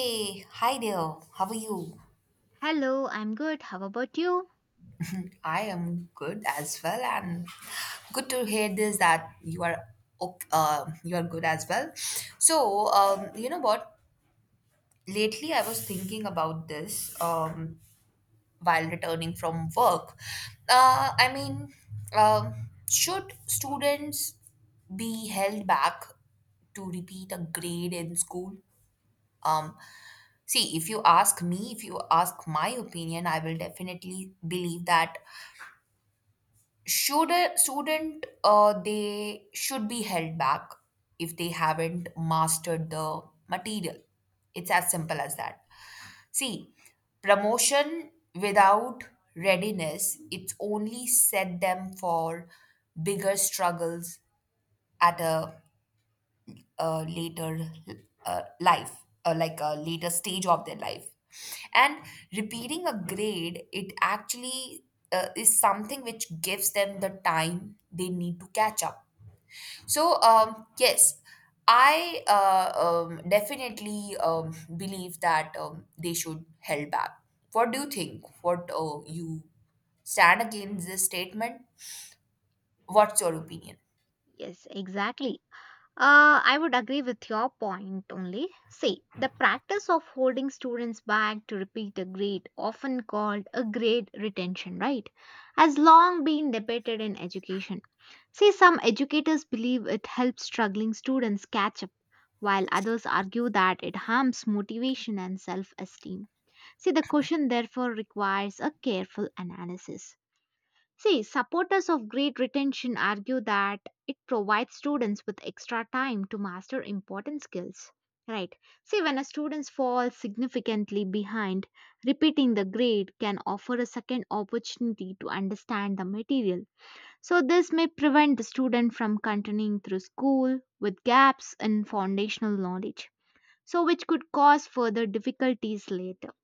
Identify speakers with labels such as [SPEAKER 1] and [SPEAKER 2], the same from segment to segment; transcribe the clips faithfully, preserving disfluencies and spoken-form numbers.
[SPEAKER 1] Hey, hi there. How are you?
[SPEAKER 2] Hello, I'm good. How about you?
[SPEAKER 1] I am good as well, and good to hear this that you are ok- uh, you are good as well. So, um, you know what? Lately, I was thinking about this um, while returning from work. Uh, I mean, um, should students be held back to repeat a grade in school? Um, see, if you ask me, if you ask my opinion, I will definitely believe that should a student, uh, they should be held back if they haven't mastered the material. It's as simple as that. See, promotion without readiness, it's only set them for bigger struggles at a uh, later uh, life, uh, like a later stage of their life. And repeating a grade, it actually uh, is something which gives them the time they need to catch up. So, um, yes, I uh, um, definitely um, believe that um, they should held back. What do you think? What uh, you stand against this statement? What's your opinion?
[SPEAKER 2] Yes, exactly. Uh, I would agree with your point only. See, the practice of holding students back to repeat a grade, often called a grade retention, right, has long been debated in education. See, some educators believe it helps struggling students catch up, while others argue that it harms motivation and self esteem. See, the question therefore requires a careful analysis. See, supporters of grade retention argue that it provides students with extra time to master important skills. Right. See, when a student falls significantly behind, repeating the grade can offer a second opportunity to understand the material. So this may prevent the student from continuing through school with gaps in foundational knowledge, so which could cause further difficulties later.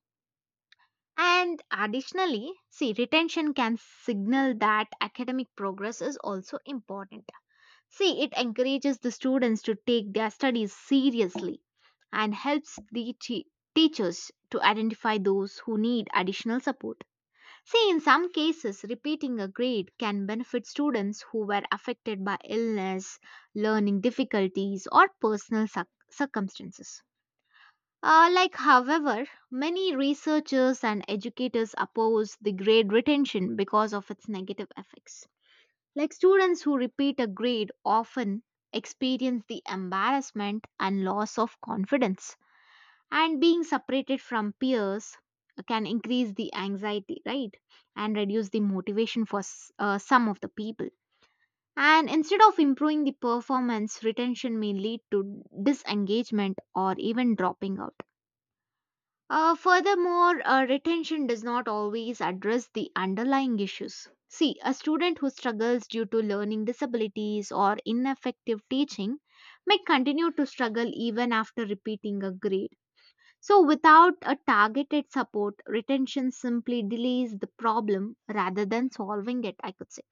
[SPEAKER 2] And additionally, see, retention can signal that academic progress is also important. See, it encourages the students to take their studies seriously and helps the te- teachers to identify those who need additional support. See, in some cases, repeating a grade can benefit students who were affected by illness, learning difficulties, or personal circ- circumstances. Uh, like, however, many researchers and educators oppose the grade retention because of its negative effects. Like, students who repeat a grade often experience the embarrassment and loss of confidence, and being separated from peers can increase the anxiety, right? And reduce the motivation for s- uh, some of the people. And instead of improving the performance, retention may lead to disengagement or even dropping out uh, furthermore, uh, retention does not always address the underlying issues. See, a student who struggles due to learning disabilities or ineffective teaching may continue to struggle even after repeating a grade. So, without a targeted support, retention simply delays the problem rather than solving it, I could say.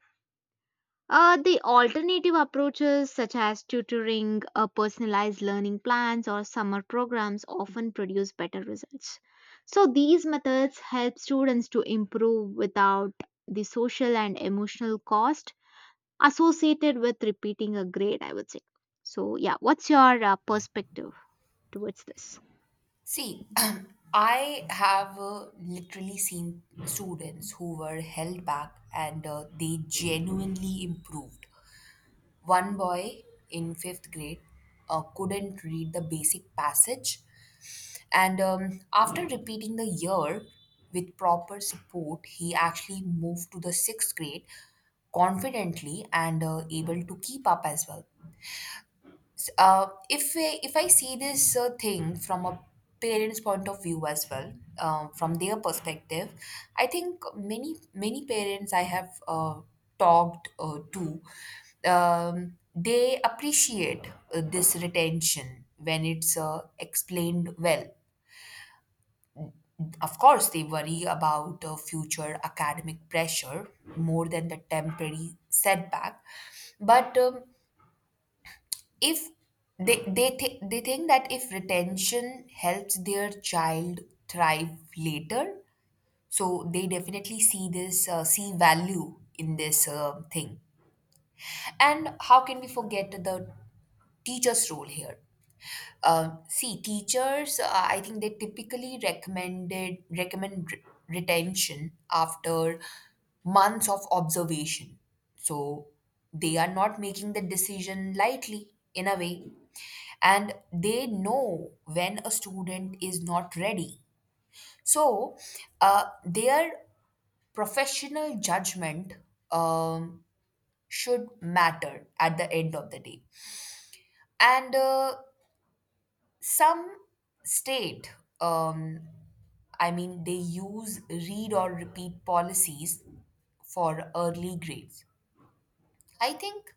[SPEAKER 2] Uh, the alternative approaches, such as tutoring, uh, personalized learning plans, or summer programs, often produce better results. So these methods help students to improve without the social and emotional cost associated with repeating a grade, I would say. So, yeah, what's your uh, perspective towards this?
[SPEAKER 1] See, I have uh, literally seen students who were held back, and uh, they genuinely improved. One boy in fifth grade uh, couldn't read the basic passage, and um, after repeating the year with proper support, he actually moved to the sixth grade confidently and uh, able to keep up as well. Uh, if I, if I see this uh, thing from a parent's point of view as well, um, from their perspective, I think many, many parents I have uh, talked uh, to, um, they appreciate uh, this retention when it's uh, explained well. Of course, they worry about uh, future academic pressure more than the temporary setback, but um, if they they thi- they think that if retention helps their child thrive later, so they definitely see this uh, see value in this uh, thing. And how can we forget the teacher's role here? Um, see, teachers, uh, I think they typically recommended recommend re- retention after months of observation. So they are not making the decision lightly, in a way, and they know when a student is not ready. So uh, their professional judgment um, should matter at the end of the day. And. Uh, some state, um, I mean, they use read or repeat policies for early grades. I think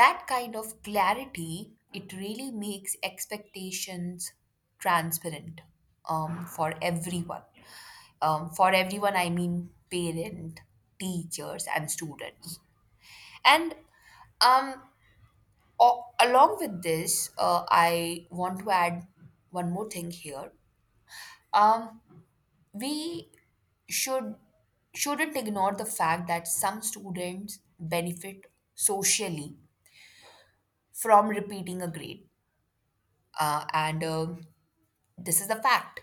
[SPEAKER 1] that kind of clarity it really makes expectations transparent, um, for everyone, um, for everyone I mean parent, teachers, and students. And um, a- along with this, uh, I want to add one more thing here. Um, we should shouldn't ignore the fact that some students benefit socially from repeating a grade, uh, and um this is a fact.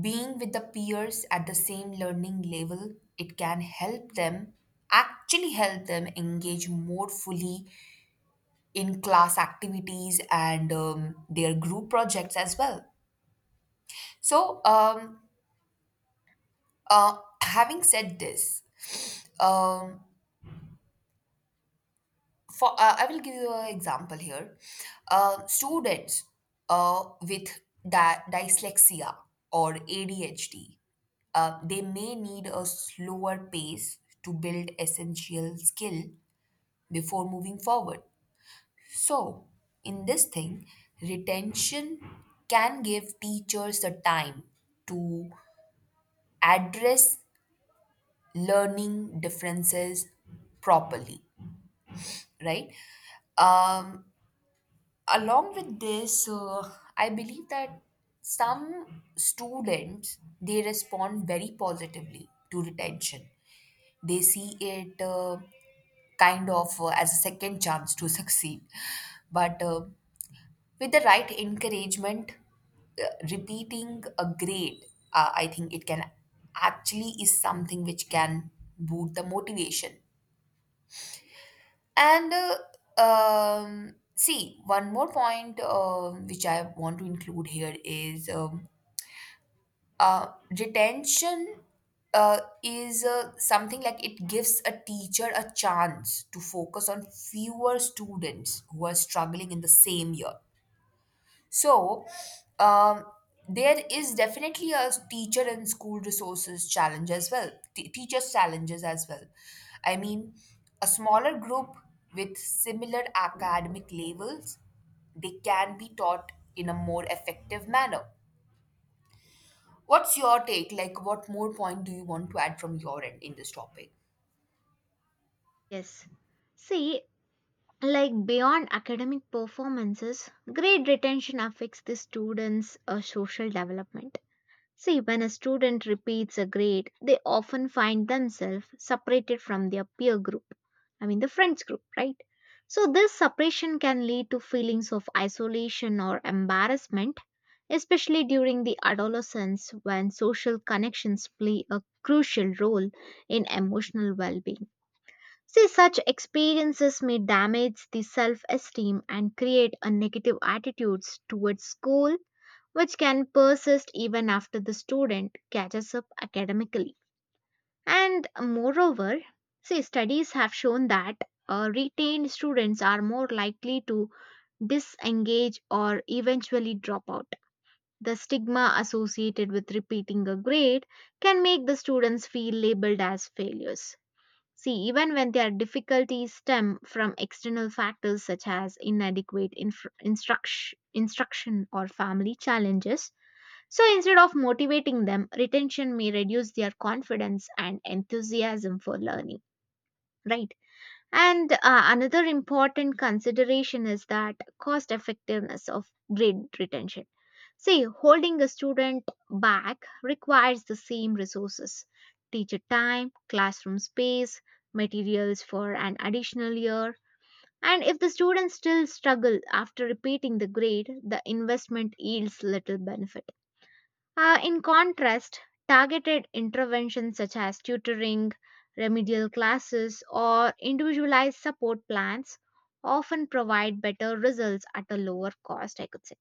[SPEAKER 1] Being with the peers at the same learning level, it can help them, actually help them engage more fully in class activities and um, their group projects as well. So, um, uh, having said this, um, for uh, I will give you an example here. Uh, students uh, with di- dyslexia or A D H D, uh, they may need a slower pace to build essential skill before moving forward. So, in this thing, retention can give teachers the time to address learning differences properly, right? Um, along with this, uh, I believe that some students, they respond very positively to retention. They see it, uh, kind of, uh, as a second chance to succeed. But uh, with the right encouragement, uh, repeating a grade, uh, I think it can actually is something which can boot the motivation. And uh, um, see, one more point um which I want to include here is um, uh, retention uh, is, uh, something like it gives a teacher a chance to focus on fewer students who are struggling in the same year. So, um, there is definitely a teacher and school resources challenge as well, t- teachers' challenges as well. I mean, a smaller group with similar academic levels, they can be taught in a more effective manner. What's your take? Like, what more point do you want to add from your end in this topic?
[SPEAKER 2] Yes. See, like beyond academic performances, grade retention affects the students' uh, social development. See, when a student repeats a grade, they often find themselves separated from their peer group. I mean, the friends group, right? So this separation can lead to feelings of isolation or embarrassment, especially during the adolescence when social connections play a crucial role in emotional well being. See, such experiences may damage the self esteem and create a negative attitudes towards school which can persist even after the student catches up academically. And moreover, see, studies have shown that uh, retained students are more likely to disengage or eventually drop out. The stigma associated with repeating a grade can make the students feel labeled as failures. See, even when their difficulties stem from external factors such as inadequate inf- instruction, instruction or family challenges, so instead of motivating them, retention may reduce their confidence and enthusiasm for learning, right? And uh, another important consideration is that cost effectiveness of grade retention. See, holding a student back requires the same resources: teacher time, classroom space, materials for an additional year. And if the students still struggle after repeating the grade, the investment yields little benefit. Uh, in contrast, targeted interventions such as tutoring, remedial classes, or individualized support plans often provide better results at a lower cost, I could say.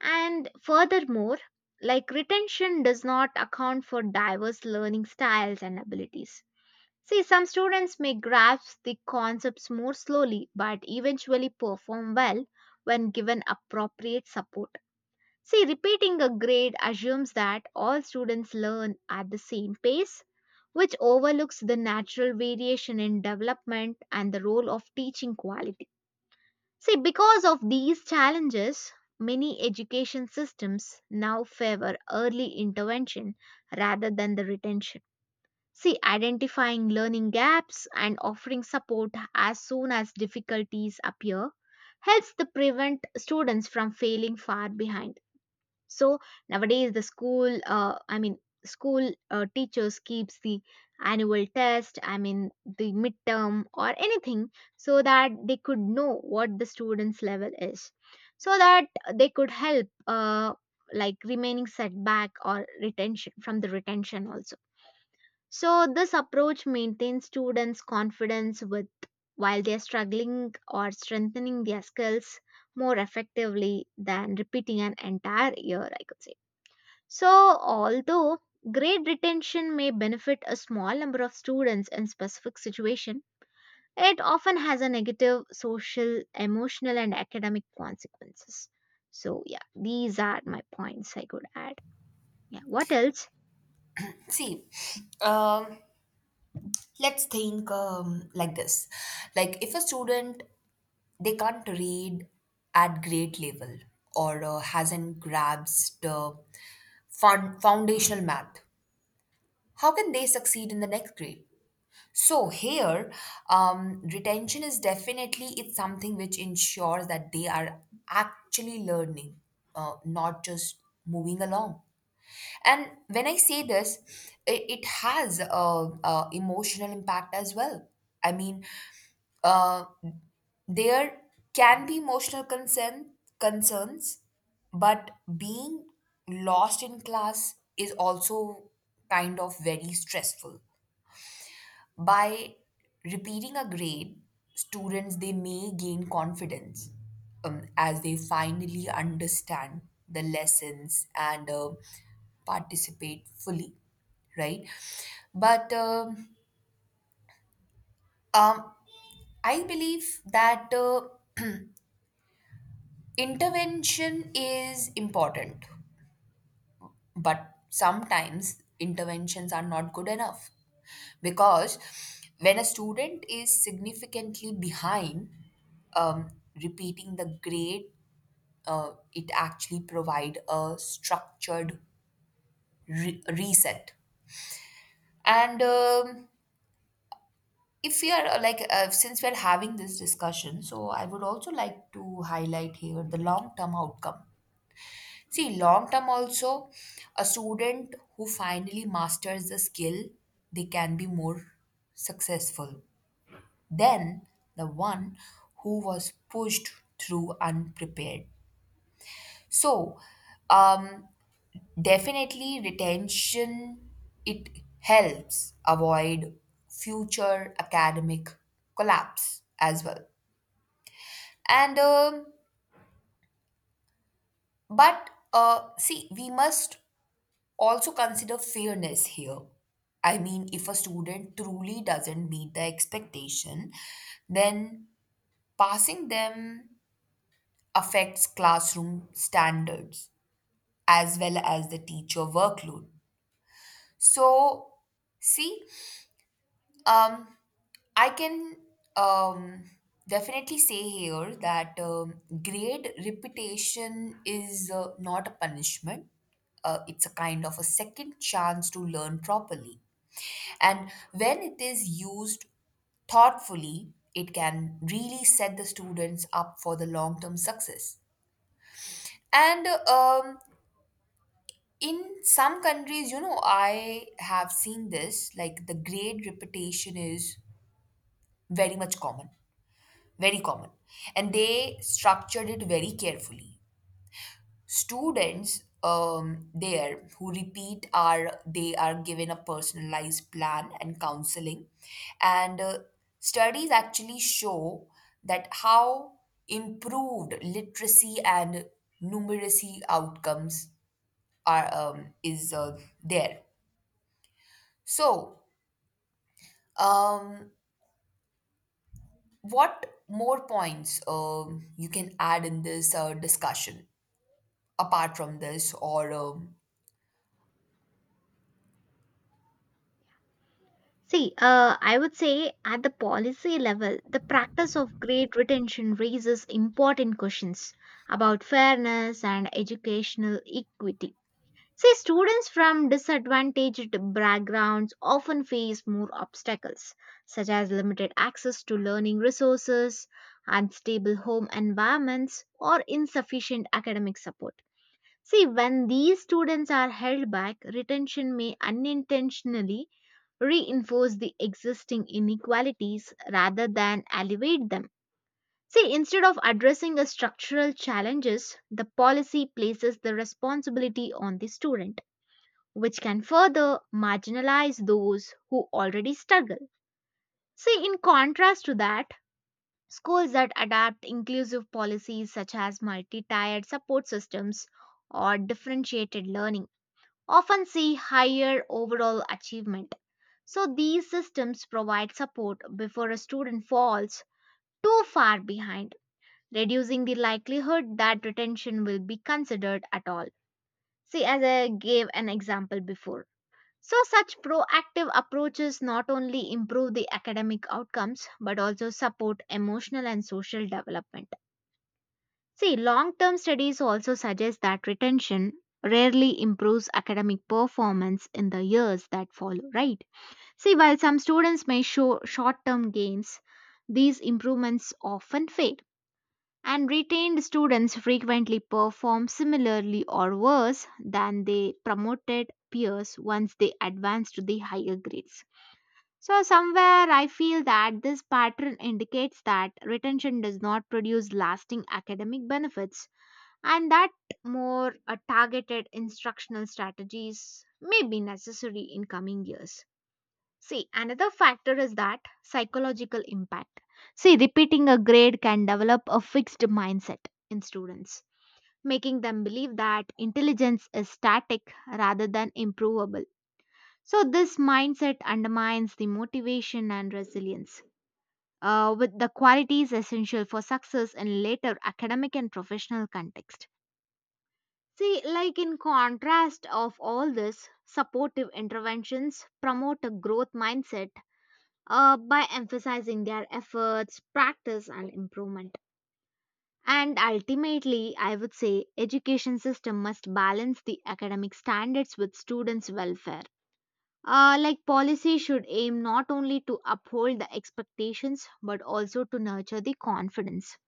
[SPEAKER 2] And furthermore, like retention does not account for diverse learning styles and abilities. See, some students may grasp the concepts more slowly but eventually perform well when given appropriate support. See, repeating a grade assumes that all students learn at the same pace, which overlooks the natural variation in development and the role of teaching quality. See, because of these challenges, many education systems now favor early intervention rather than the retention. See, identifying learning gaps and offering support as soon as difficulties appear helps to prevent students from failing far behind. So nowadays the school uh, I mean school uh, teachers keeps the annual test i mean the midterm or anything, so that they could know what the students level is, so that they could help uh, like remaining setback or retention from the retention also. So this approach maintains students confidence with while they are struggling or strengthening their skills more effectively than repeating an entire year, I could say. So, although grade retention may benefit a small number of students in specific situation, it often has a negative social, emotional, and academic consequences. So, yeah, these are my points I could add. Yeah, what else?
[SPEAKER 1] See, um, let's think um, like this. Like, if a student, they can't read at grade level or uh, hasn't grasped uh, fun- foundational math, how can they succeed in the next grade? So here, um, retention is definitely, it's something which ensures that they are actually learning, uh, not just moving along. And when I say this, it, it has a, a emotional impact as well. I mean, uh, there can be emotional concern concerns, but being lost in class is also kind of very stressful. By repeating a grade, students, they may gain confidence um, as they finally understand the lessons and uh, participate fully, right? But um, um, I believe that uh, intervention is important. But sometimes interventions are not good enough, because when a student is significantly behind, um, repeating the grade, uh, it actually provide a structured re- reset. And um, if we are uh, like, uh, since we're having this discussion, so I would also like to highlight here the long term outcome. See, long term also, a student who finally masters the skill, they can be more successful than the one who was pushed through unprepared. So, um, definitely retention, it helps avoid future academic collapse as well. And um, but uh, see, we must also consider fairness here. I mean, if a student truly doesn't meet the expectation, then passing them affects classroom standards as well as the teacher workload. So, see, um, I can um, definitely say here that um, grade reputation is uh, not a punishment. Uh, it's a kind of a second chance to learn properly. And when it is used thoughtfully, it can really set the students up for the long term success. And um, in some countries, you know, I have seen this, like, the grade repetition is very much common, very common. And they structured it very carefully. Students um, there who repeat are, they are given a personalized plan and counseling. And uh, studies actually show that how improved literacy and numeracy outcomes are, um, is, uh, there. So um, what more points um, you can add in this uh, discussion apart from this, or um,
[SPEAKER 2] See, uh, I would say at the policy level, the practice of grade retention raises important questions about fairness and educational equity. See, students from disadvantaged backgrounds often face more obstacles, such as limited access to learning resources, unstable home environments, or insufficient academic support. See, when these students are held back, retention may unintentionally reinforce the existing inequalities rather than elevate them. See, instead of addressing the structural challenges, the policy places the responsibility on the student which can further marginalize those who already struggle. See, in contrast to that, schools that adapt inclusive policies such as multi tiered support systems or differentiated learning often see higher overall achievement. So these systems provide support before a student falls too far behind, reducing the likelihood that retention will be considered at all. See, as I gave an example before, So, such proactive approaches not only improve the academic outcomes but also support emotional and social development. See, long term studies also suggest that retention rarely improves academic performance in the years that follow, right? See, while some students may show short term gains, these improvements often fade. And retained students frequently perform similarly or worse than they promoted peers once they advance to the higher grades. So, somewhere I feel that this pattern indicates that retention does not produce lasting academic benefits and that more uh, targeted instructional strategies may be necessary in coming years. See, another factor is that psychological impact. See, repeating a grade can develop a fixed mindset in students, making them believe that intelligence is static rather than improvable. So this mindset undermines the motivation and resilience, uh, with the qualities essential for success in later academic and professional context. See, like in contrast of all this, supportive interventions promote a growth mindset uh, by emphasizing their efforts, practice, and improvement. And ultimately, I would say education system must balance the academic standards with students' welfare. Uh, like policy should aim not only to uphold the expectations but also to nurture the confidence,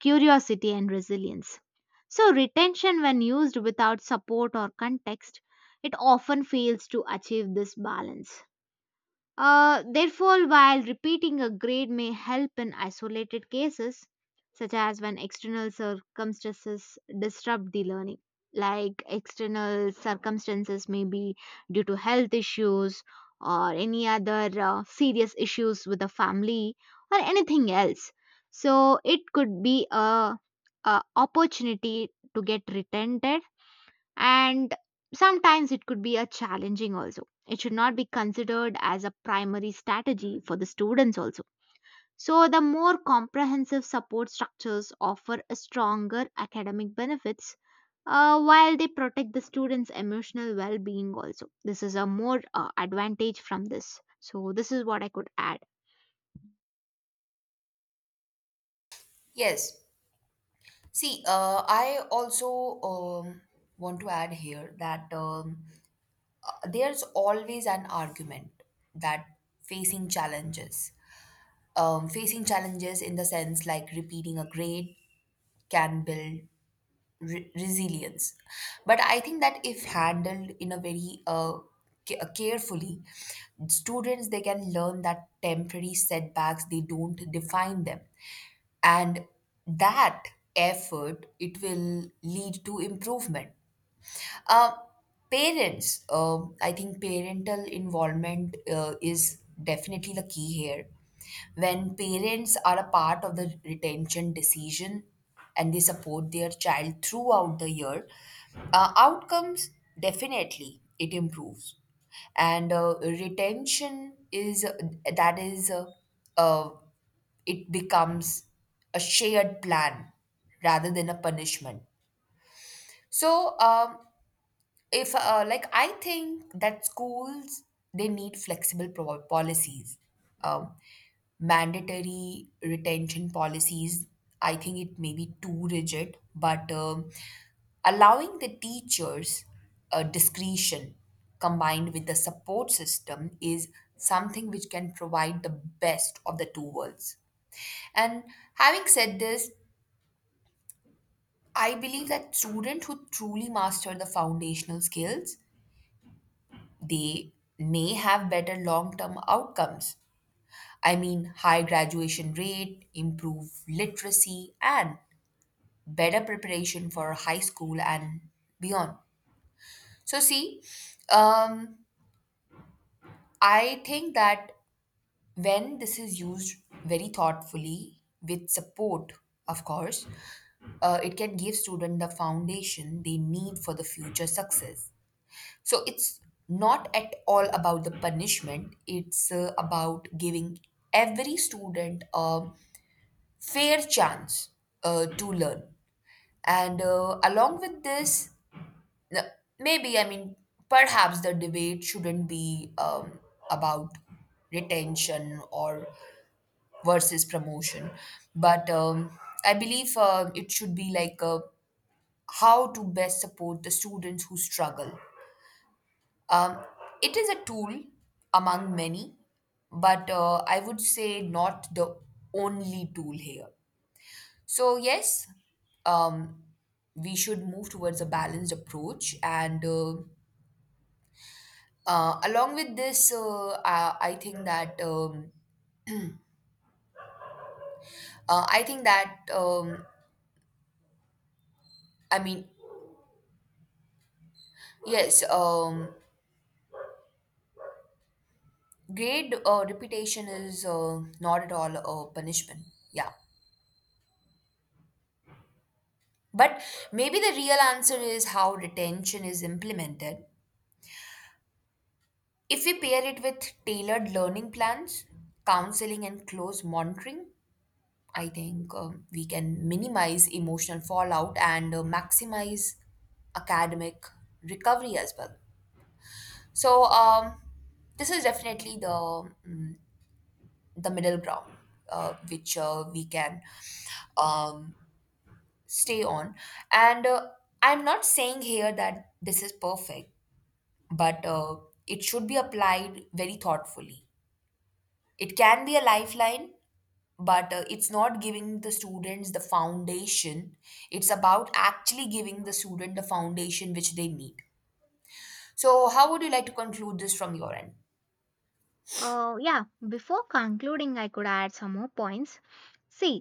[SPEAKER 2] curiosity, and resilience. So, retention, when used without support or context, it often fails to achieve this balance. Uh, therefore, while repeating a grade may help in isolated cases, such as when external circumstances disrupt the learning, like external circumstances may be due to health issues or any other uh, serious issues with the family or anything else. So it could be a, a opportunity to get retented, and sometimes it could be a challenging also. It should not be considered as a primary strategy for the students also. So the more comprehensive support structures offer a stronger academic benefits uh, while they protect the students emotional well-being also. This is a more uh, advantage from this, so this is what I could add.
[SPEAKER 1] yes? See, uh, I also um, want to add here that um, there's always an argument that facing challenges, um, facing challenges in the sense, like, repeating a grade can build re- resilience. But I think that if handled in a very uh, ca- uh, carefully, students, they can learn that temporary setbacks, they don't define them, and that effort, it will lead to improvement. uh, Parents, um, I think parental involvement uh, is definitely the key here. When parents are a part of the retention decision and they support their child throughout the year, uh, outcomes definitely it improves, and uh, retention is, that is, uh, uh, it becomes a shared plan rather than a punishment. So um, if uh, like, I think that schools, they need flexible pro- policies. um, Mandatory retention policies, I think it may be too rigid, but um, allowing the teachers uh, discretion combined with the support system is something which can provide the best of the two worlds. And having said this, I believe that students who truly master the foundational skills, they may have better long term outcomes. I mean, high graduation rate, improved literacy, and better preparation for high school and beyond. So, see, um, I think that when this is used very thoughtfully with support, of course, uh, it can give student the foundation they need for the future success. So it's not at all about the punishment, it's uh, about giving every student a fair chance uh, to learn. And uh, along with this, n- maybe, I mean, perhaps the debate shouldn't be um, about retention or versus promotion, but um, I believe uh, it should be like uh, how to best support the students who struggle. Um, it is a tool among many, but uh, I would say not the only tool here. So, yes, um, we should move towards a balanced approach. And uh, uh, along with this, uh, I, I think that, um, uh, I think that, um, I mean, yes, um, grade uh, reputation is uh, not at all a punishment. Yeah. But maybe the real answer is how retention is implemented. If we pair it with tailored learning plans, counseling, and close monitoring, I think um, we can minimize emotional fallout and uh, maximize academic recovery as well. So, um, this is definitely the mm, the middle ground uh, which uh, we can um, stay on. And uh, I'm not saying here that this is perfect, but uh, it should be applied very thoughtfully. It can be a lifeline, but uh, it's not giving the students the foundation. It's about actually giving the student the foundation which they need. So, how would you like to conclude this from your end?
[SPEAKER 2] Uh, yeah, before concluding I could add some more points. See,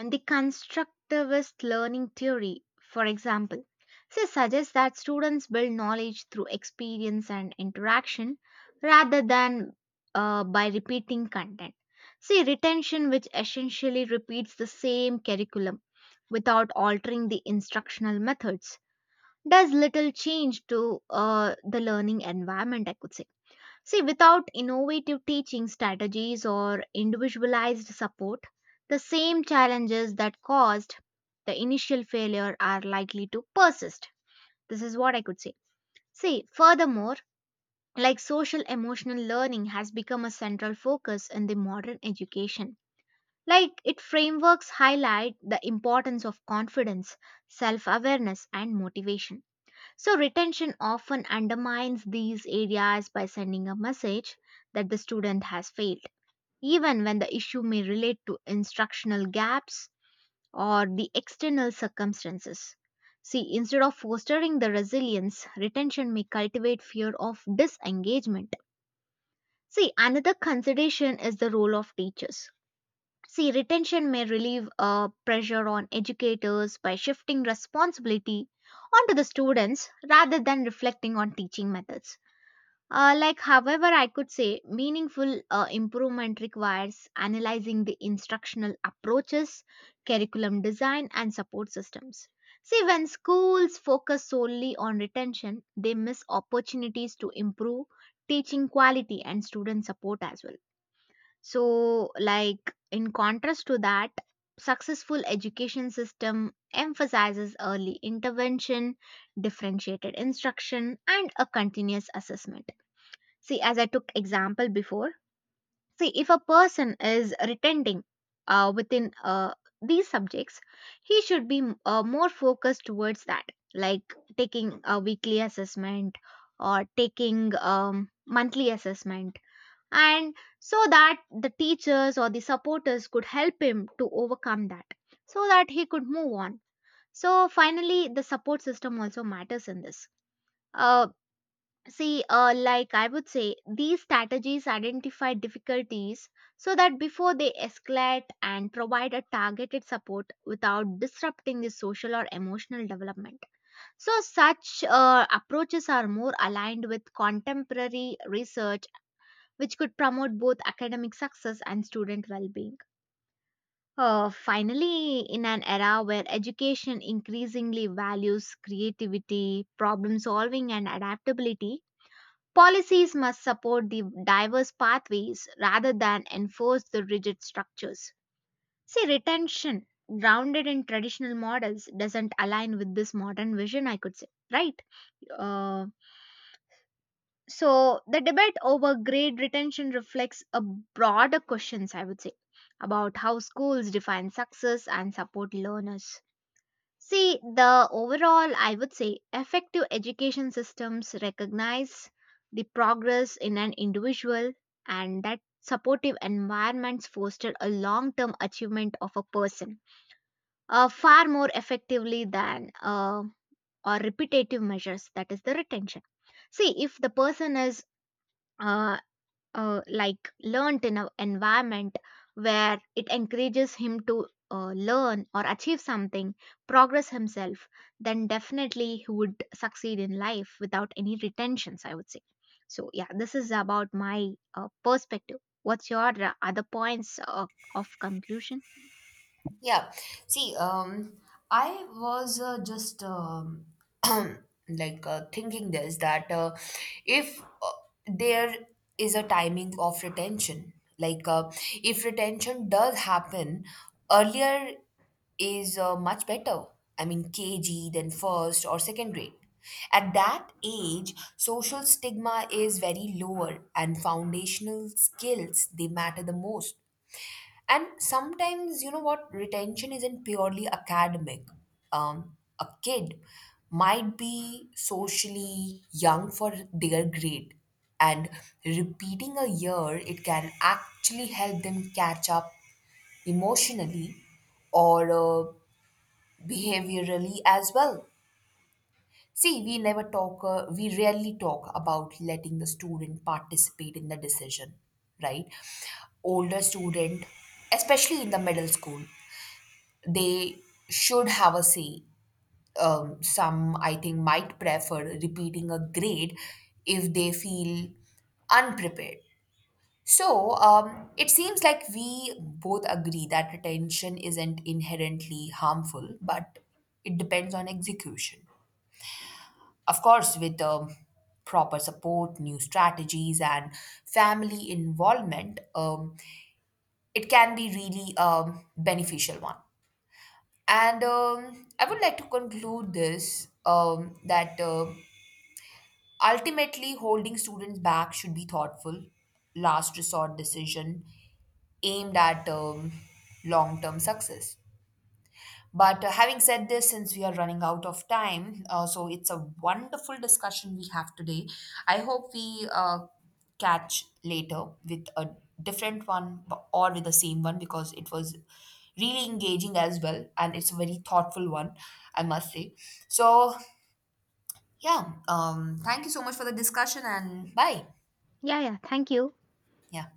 [SPEAKER 2] and the constructivist learning theory, for example, so suggests that students build knowledge through experience and interaction rather than uh, by repeating content. See, retention, which essentially repeats the same curriculum without altering the instructional methods, does little change to uh, the learning environment, I could say. See, without innovative teaching strategies or individualized support, the same challenges that caused the initial failure are likely to persist. This is what I could say. See, furthermore, like social emotional learning has become a central focus in the modern education. Like its frameworks highlight the importance of confidence, self awareness, and motivation. So, retention often undermines these areas by sending a message that the student has failed, even when the issue may relate to instructional gaps or the external circumstances. See, instead of fostering the resilience, retention may cultivate fear of disengagement. See, another consideration is the role of teachers. See, retention may relieve uh, pressure on educators by shifting responsibility onto the students rather than reflecting on teaching methods. Uh, like, however, I could say meaningful uh, improvement requires analyzing the instructional approaches, curriculum design, and support systems. See, when schools focus solely on retention, they miss opportunities to improve teaching quality and student support as well. So, like in contrast to that, successful education system emphasizes early intervention, differentiated instruction, and a continuous assessment. See, as I took example before, see if a person is retenting uh, within uh, these subjects, he should be uh, more focused towards that, like taking a weekly assessment or taking um, monthly assessment, and so that the teachers or the supporters could help him to overcome that so that he could move on. So finally the support system also matters in this. Uh, see uh, like I would say these strategies identify difficulties so that before they escalate and provide a targeted support without disrupting the social or emotional development. So such uh, approaches are more aligned with contemporary research which could promote both academic success and student well-being. Uh, finally, in an era where education increasingly values creativity, problem solving, and adaptability, policies must support the diverse pathways rather than enforce the rigid structures. See, retention, grounded in traditional models, doesn't align with this modern vision, I could say, right? Uh, so, the debate over grade retention reflects a broader questions, I would say, about how schools define success and support learners. See, the overall, I would say, effective education systems recognize the progress in an individual and that supportive environments foster a long-term achievement of a person uh, far more effectively than uh, or repetitive measures, that is the retention. See if the person is uh, uh, like learnt in an environment where it encourages him to uh, learn or achieve something, progress himself, then definitely he would succeed in life without any retentions, I would say. So, yeah, this is about my uh, perspective. What's your uh, other points uh, of conclusion?
[SPEAKER 1] Yeah. See, um, I was uh, just um, like, uh, thinking this that uh, if uh, there is a timing of retention, like, uh, if retention does happen earlier, is uh, much better. I mean, K G, then first or second grade. At that age, social stigma is very lower and foundational skills, they matter the most. And sometimes, you know what, retention isn't purely academic. Um, a kid might be socially young for their grade, and repeating a year, it can actually help them catch up emotionally or uh, behaviorally as well. See, we never talk, uh, we rarely talk about letting the student participate in the decision, right? Older student, especially in the middle school, they should have a say. Um, some, I think, might prefer repeating a grade if they feel unprepared. So um, it seems like we both agree that retention isn't inherently harmful, but it depends on execution. Of course, with um, proper support, new strategies, and family involvement, um, it can be really a beneficial one. And um, I would like to conclude this um, that uh, ultimately holding students back should be thoughtful, last resort decision aimed at um, long term success. But uh, having said this, since we are running out of time, uh, so it's a wonderful discussion we have today. I hope we uh, catch later with a different one, b- or with the same one, because it was really engaging as well, and it's a very thoughtful one, I must say. So, yeah, um, thank you so much for the discussion, and bye.
[SPEAKER 2] Yeah, yeah, thank you.
[SPEAKER 1] Yeah.